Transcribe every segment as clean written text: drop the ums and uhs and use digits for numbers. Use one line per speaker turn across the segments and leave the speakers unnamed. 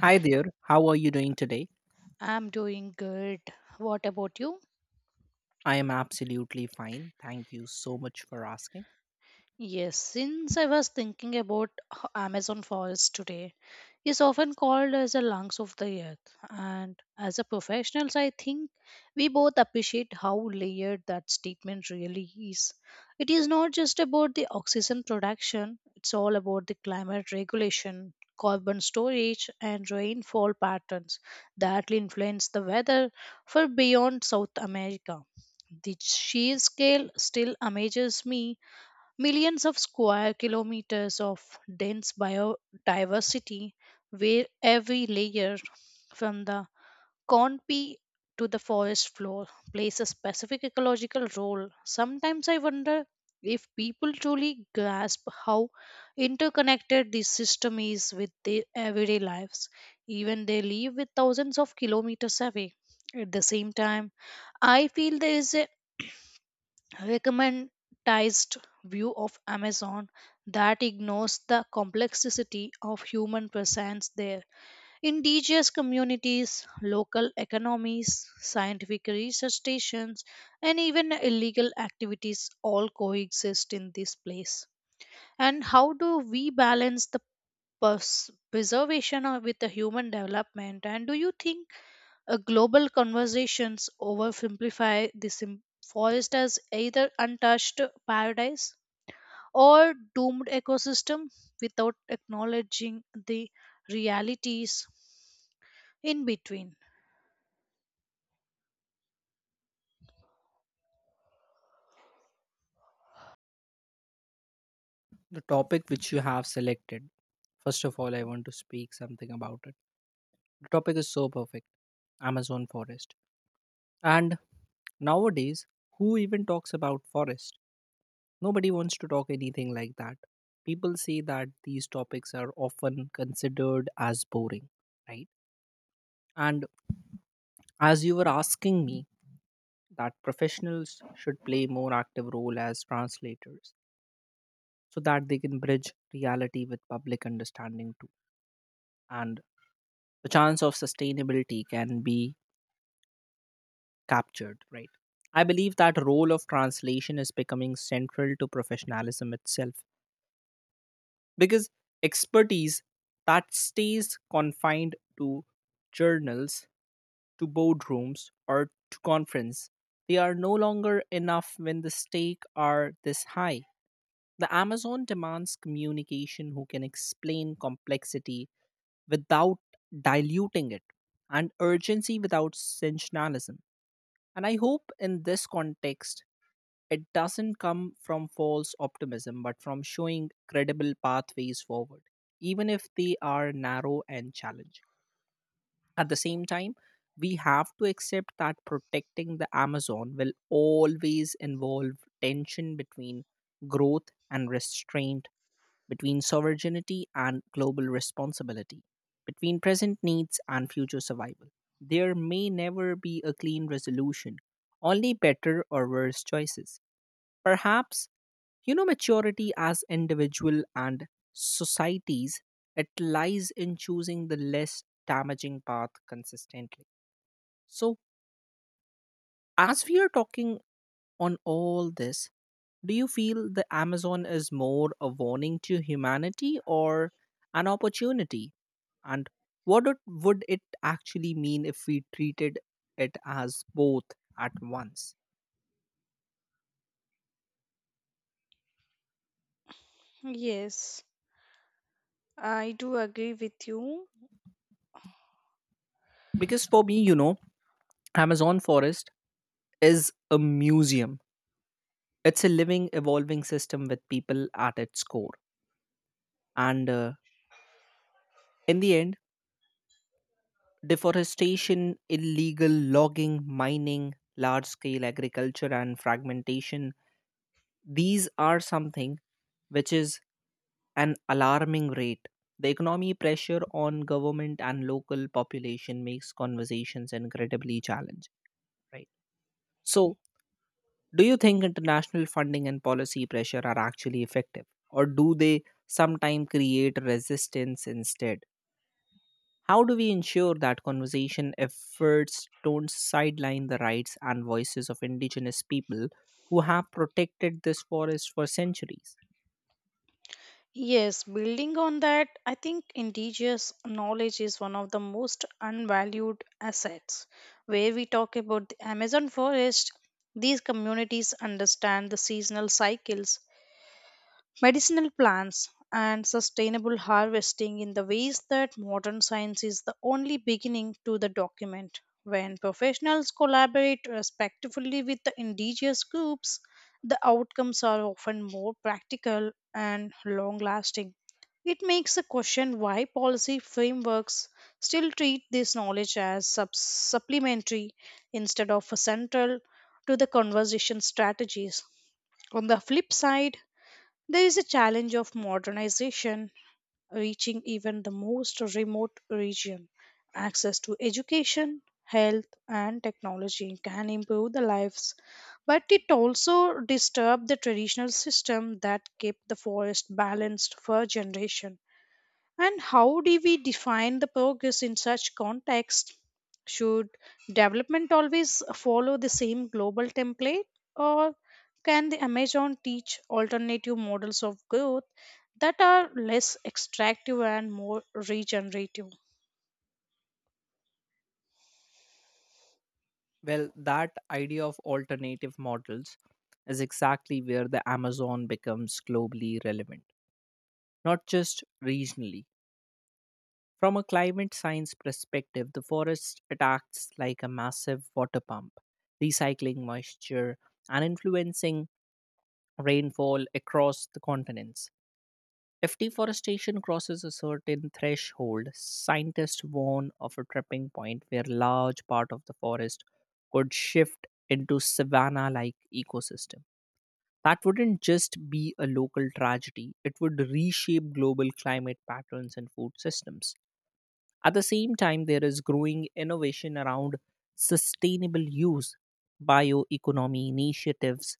Hi there, how are you doing today?
I'm doing good. What about you?
I am absolutely fine. Thank you so much for asking.
Yes, since I was thinking about Amazon forest today, is often called as the lungs of the earth. And as a professionals, I think we both appreciate how layered that statement really is. It is not just about the oxygen production; it's all about the climate regulation, carbon storage, and rainfall patterns that influence the weather for beyond South America. The sheer scale still amazes me. Millions of square kilometers of dense biodiversity, where every layer, from the canopy to the forest floor, plays a specific ecological role. Sometimes I wonder if people truly grasp how interconnected this system is with their everyday lives, even they live with thousands of kilometers away. At the same time, I feel there is recommendized view of Amazon that ignores the complexity of human presence there. Indigenous communities, local economies, scientific research stations, and even illegal activities all coexist in this place. And how do we balance the preservation with the human development? And do you think a global conversations oversimplify the forest as either untouched paradise or doomed ecosystem without acknowledging the realities in between?
The topic which you have selected, first of all, I want to speak something about it. The topic is so perfect Amazon forest. And nowadays, who even talks about forest? Nobody wants to talk anything like that. People say that these topics are often considered as boring, right? And as you were asking me, that professionals should play more active role as translators so that they can bridge reality with public understanding too. And the chance of sustainability can be captured, right? I believe that role of translation is becoming central to professionalism itself because expertise that stays confined to journals, to boardrooms, or to conference, they are no longer enough when the stake are this high. The Amazon demands communication who can explain complexity without diluting it and urgency without sensationalism. And I hope in this context, it doesn't come from false optimism, but from showing credible pathways forward, even if they are narrow and challenging. At the same time, we have to accept that protecting the Amazon will always involve tension between growth and restraint, between sovereignty and global responsibility, between present needs and future survival. There may never be a clean resolution, only better or worse choices. Perhaps maturity as individual and societies, it lies in choosing the less damaging path consistently. So, as we are talking on all this, do you feel the Amazon is more a warning to humanity or an opportunity? And would it actually mean if we treated it as both at once?
Yes, I do agree with you.
Because for me, Amazon forest is a museum. It's a living, evolving system with people at its core. And in the end, deforestation, illegal logging, mining, large scale agriculture, and fragmentation these are something which is an alarming rate. The economy pressure on government and local population makes conversations incredibly challenging, right? So, do you think international funding and policy pressure are actually effective, or do they sometimes create resistance instead? How do we ensure that conservation efforts don't sideline the rights and voices of indigenous people who have protected this forest for centuries?
Yes, building on that, I think indigenous knowledge is one of the most unvalued assets. Where we talk about the Amazon forest, these communities understand the seasonal cycles, medicinal plants and sustainable harvesting in the ways that modern science is the only beginning to the document. When professionals collaborate respectfully with the indigenous groups, the outcomes are often more practical and long lasting. It makes a question why policy frameworks still treat this knowledge as supplementary instead of a central to the conversation strategies. On the flip side, there is a challenge of modernization reaching even the most remote region. Access to education, health, and technology can improve the lives, but it also disturbs the traditional system that kept the forest balanced for generation. And how do we define the progress in such context? Should development always follow the same global template, or can the Amazon teach alternative models of growth that are less extractive and more regenerative?
Well, that idea of alternative models is exactly where the Amazon becomes globally relevant, not just regionally. From a climate science perspective, the forest acts like a massive water pump, recycling moisture and influencing rainfall across the continents. If deforestation crosses a certain threshold, scientists warn of a tripping point where large part of the forest could shift into savanna-like ecosystem. That wouldn't just be a local tragedy, it would reshape global climate patterns and food systems. At the same time, there is growing innovation around sustainable use, bioeconomy initiatives,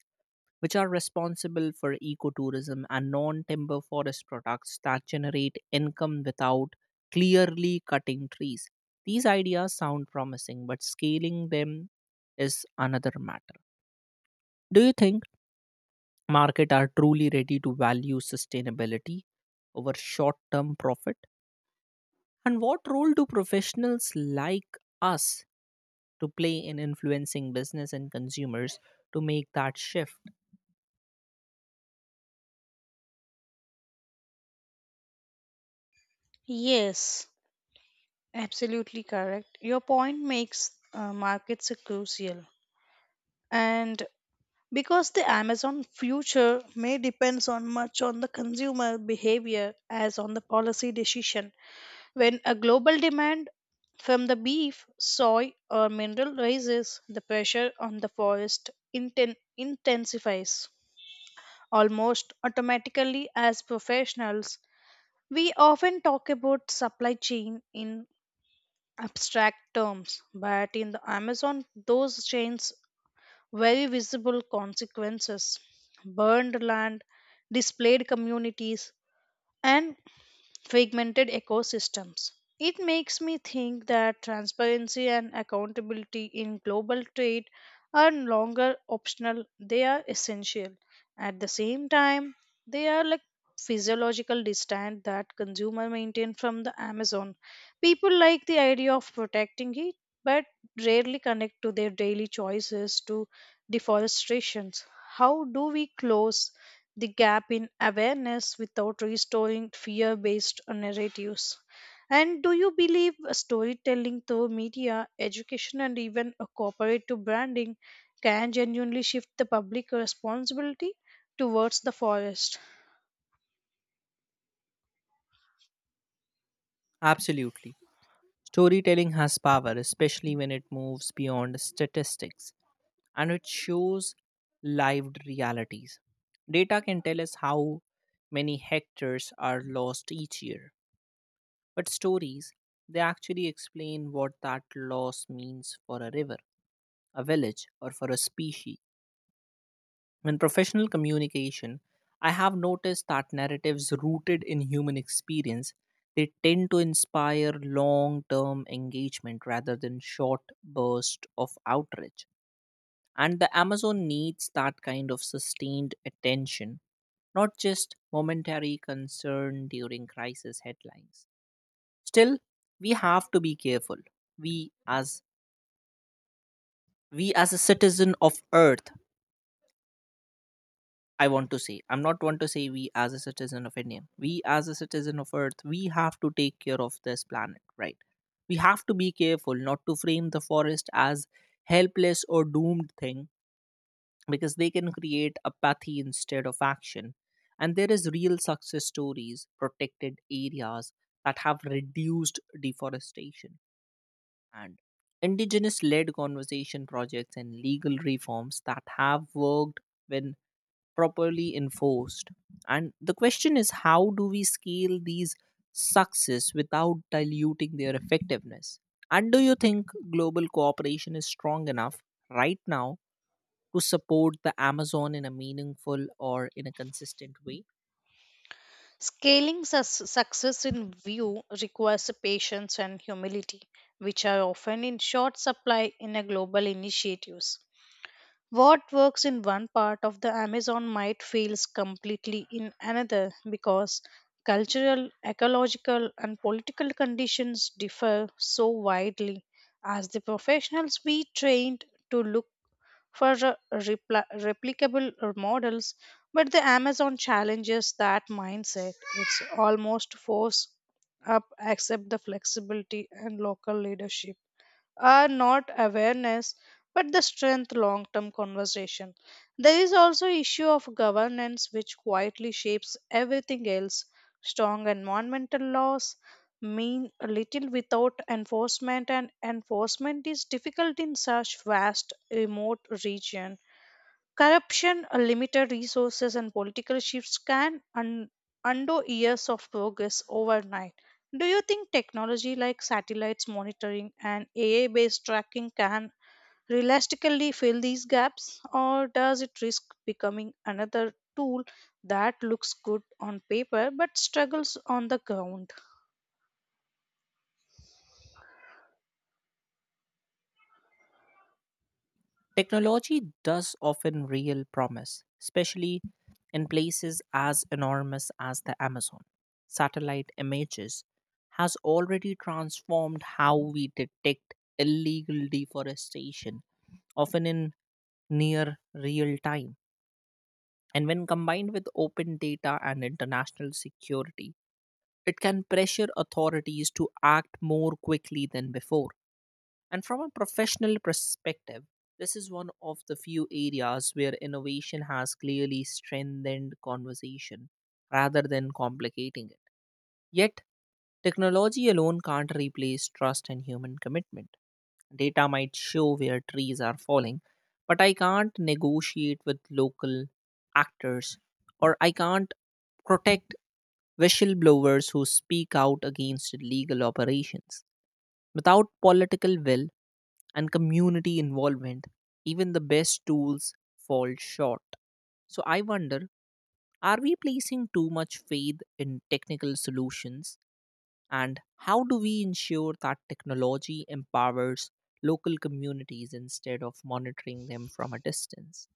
which are responsible for ecotourism and non timber forest products that generate income without clearly cutting trees. These ideas sound promising, but scaling them is another matter. Do you think market are truly ready to value sustainability over short term profit? And what role do professionals like us to play in influencing business and consumers to make that shift?
Yes, absolutely correct. Your point makes, markets are crucial. And because the amazon future may depends on much on the consumer behavior as on the policy decision, when a global demand from the beef, soy, or mineral rises, the pressure on the forest intensifies almost automatically. As professionals we often talk about supply chain in abstract terms, but in the amazon those chains very visible consequences: burned land, displayed communities, and fragmented ecosystems. It makes me think that transparency and accountability in global trade are no longer optional, they are essential. At the same time, they are like physiological distance that consumer maintain from the Amazon. People like the idea of protecting it but rarely connect to their daily choices to deforestations. How do we close the gap in awareness without restoring fear based narratives? And do you believe storytelling through media, education, and even a cooperative branding can genuinely shift the public responsibility towards the forest?
Absolutely. Storytelling has power, especially when it moves beyond statistics and it shows lived realities. Data can tell us how many hectares are lost each year, but stories, they actually explain what that loss means for a river, a village, or for a species. In professional communication, I have noticed that narratives rooted in human experience, they tend to inspire long-term engagement rather than short bursts of outreach. And the Amazon needs that kind of sustained attention, not just momentary concern during crisis headlines. Still, we have to be careful. We as we as a citizen of Earth I want to say. I'm not want to say we as a citizen of Indian. We as a citizen of Earth, we have to take care of this planet, right? We have to be careful not to frame the forest as helpless or doomed thing because they can create apathy instead of action. And there is real success stories, protected areas that have reduced deforestation and indigenous led conservation projects and legal reforms that have worked when properly enforced. And the question is how do we scale these success without diluting their effectiveness? And do you think global cooperation is strong enough right now to support the Amazon in a meaningful or in a consistent way?
Scaling success in view requires patience and humility, which are often in short supply in a global initiatives. What works in one part of the Amazon might fail completely in another because cultural, ecological, and political conditions differ so widely. As the professionals we trained to look for replicable models, but the Amazon challenges that mindset. It's almost force up accept the flexibility and local leadership are not awareness but the strength long term conversation. There is also issue of governance which quietly shapes everything else. Strong environmental laws mean little without enforcement, and enforcement is difficult in such vast remote region. Corruption, limited resources, and political shifts can undo years of progress overnight. Do you think technology like satellites monitoring and AI based tracking can realistically fill these gaps, or does it risk becoming another tool that looks good on paper but struggles on the ground?
Technology does often real promise, especially in places as enormous as the Amazon. Satellite images has already transformed how we detect illegal deforestation, often in near real time. And when combined with open data and international security, it can pressure authorities to act more quickly than before. And from a professional perspective, this is one of the few areas where innovation has clearly strengthened conversation rather than complicating it. Yet, technology alone can't replace trust and human commitment. Data might show where trees are falling, but I can't negotiate with local actors or I can't protect whistleblowers who speak out against illegal operations. Without political will, and community involvement, even the best tools fall short. So I wonder, are we placing too much faith in technical solutions? And how do we ensure that technology empowers local communities instead of monitoring them from a distance?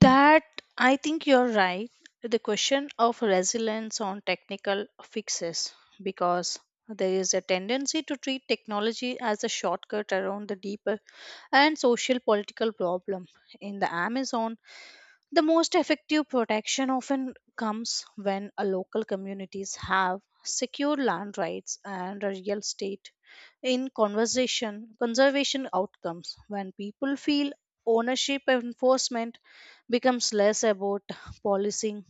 That I think you're right. The question of resilience on technical fixes, because there is a tendency to treat technology as a shortcut around the deeper and social political problem. In the Amazon, the most effective protection often comes when a local communities have secure land rights and a real estate in conversation conservation outcomes. When people feel ownership, enforcement becomes less about policing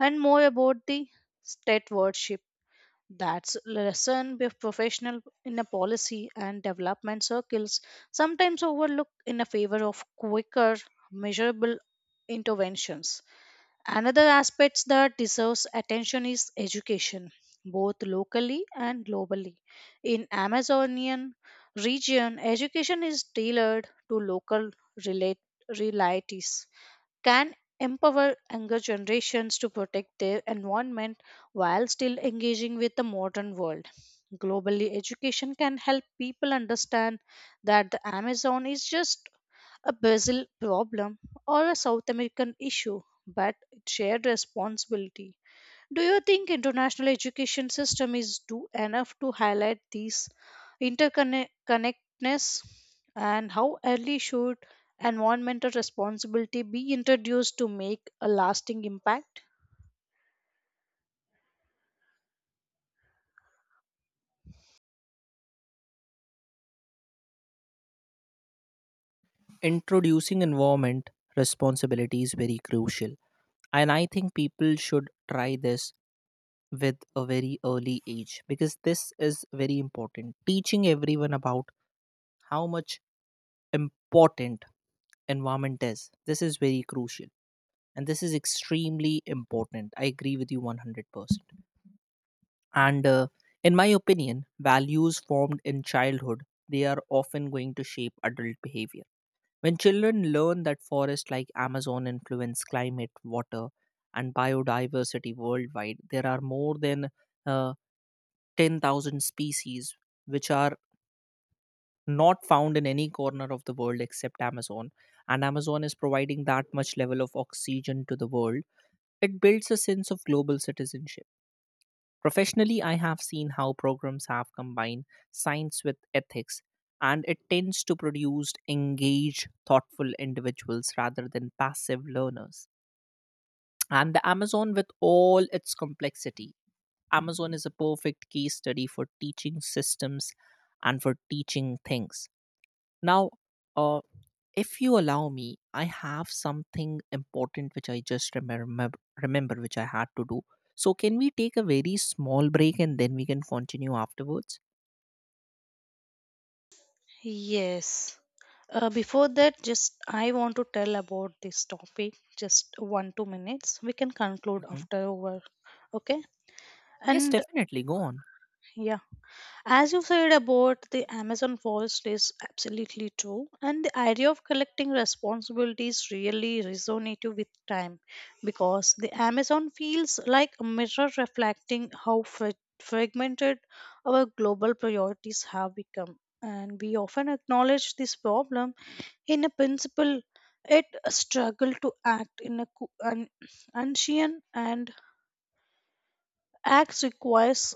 and more about the state stewardship. That's lesson with professional in a policy and development circles sometimes overlook in a favor of quicker measurable interventions. Another aspect that deserves attention is education, both locally and globally. In Amazonian region, education is tailored to local relate- realities can empower younger generations to protect their environment while still engaging with the modern world. Globally, education can help people understand that the Amazon is just a Brazil problem or a South American issue, but it's shared responsibility. Do you think international education system is do enough to highlight these interconnectedness, and how early should environmental responsibility be introduced to make a lasting impact?
Introducing environment responsibility is very crucial. And I think people should try this with a very early age because this is very important. Teaching everyone about how much important environment is. This is very crucial. And this is extremely important. I agree with you 100%. And in my opinion, values formed in childhood, they are often going to shape adult behavior. When children learn that forests like Amazon influence climate, water, and biodiversity worldwide, there are more than uh, 10,000 species which are not found in any corner of the world except Amazon. And Amazon is providing that much level of oxygen to the world. It builds a sense of global citizenship. Professionally, I have seen how programs have combined science with ethics, and it tends to produce engaged, thoughtful individuals rather than passive learners. And the Amazon, with all its complexity, Amazon is a perfect case study for teaching systems and for teaching things. Now, uh, if you allow me, I have something important which I just remember which I had to do. So, can we take a very small break and then we can continue afterwards?
Yes. Before that, just I want to tell about this topic. Just one two minutes. We can conclude
Mhm.
after over. Okay.
Yes,
And
definitely. Go on.
yeah. As you said about the Amazon forest is absolutely true, and the idea of collecting responsibilities really resonated with time because the Amazon feels like a mirror reflecting how fragmented our global priorities have become. And we often acknowledge this problem in a principle it struggle to act in a an unseen and acts requires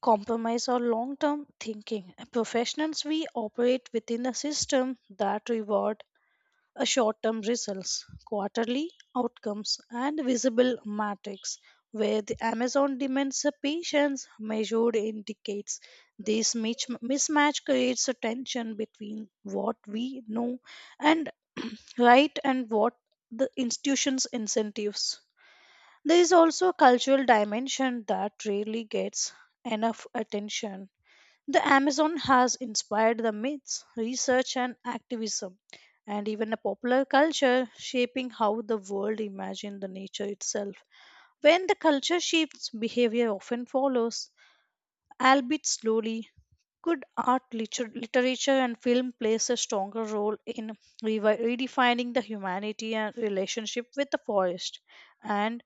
compromise or long term thinking. Professionals we operate within a system that reward a short term results, quarterly outcomes, and visible metrics. Where the Amazon demands a patience measured in decades. This mismatch creates a tension between what we know and right and what the institution's incentives. There is also a cultural dimension that rarely gets enough attention. The Amazon has inspired the myths, research, and activism, and even a popular culture shaping how the world imagines the nature itself. When the culture shifts, behavior often follows, albeit slowly. Good art, literature, and film plays a stronger role in redefining the humanity and relationship with the forest. And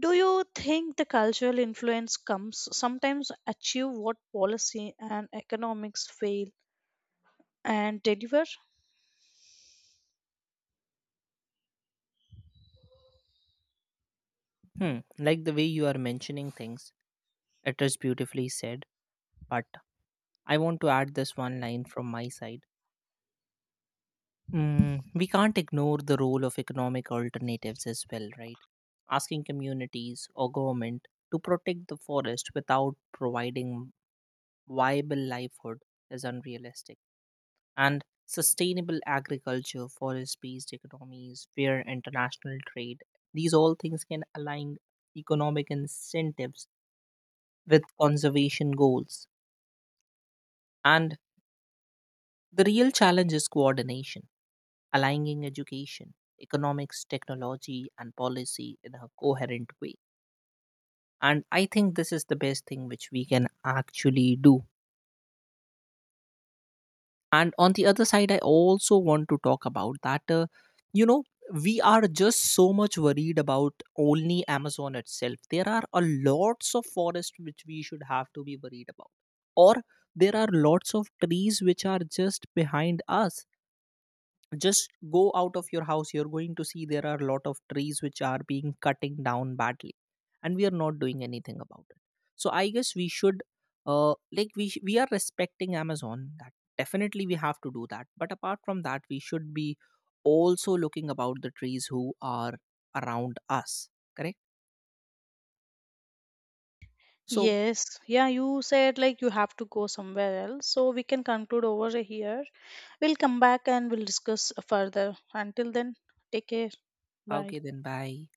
do you think the cultural influence comes sometimes achieve what policy and economics fail and deliver?
Hmm, like the way you are mentioning things, it is beautifully said, but I want to add this one line from my side. Mm, we can't ignore the role of economic alternatives as well, right? Asking communities or government to protect the forest without providing viable livelihood is unrealistic. And sustainable agriculture, forest based economies, fair international trade, these all things can align economic incentives with conservation goals. And the real challenge is coordination, aligning education, economics, technology, and policy in a coherent way. And I think this is the best thing which we can actually do. And on the other side, I also want to talk about that, you know, we are just so much worried about only Amazon itself. There are a lots of forests which we should have to be worried about. Or there are lots of trees which are just behind us, just go out of your house, you're going to see there are a lot of trees which are being cutting down badly, and we are not doing anything about it. So I guess we should, we are respecting Amazon. That definitely we have to do, that but apart from that, we should be also looking about the trees who are around us, correct? So,
Yes, yeah, you said like you have to go somewhere else, so we can conclude over here. We'll come back and we'll discuss further. Until then, take care. Bye.
okay then, bye.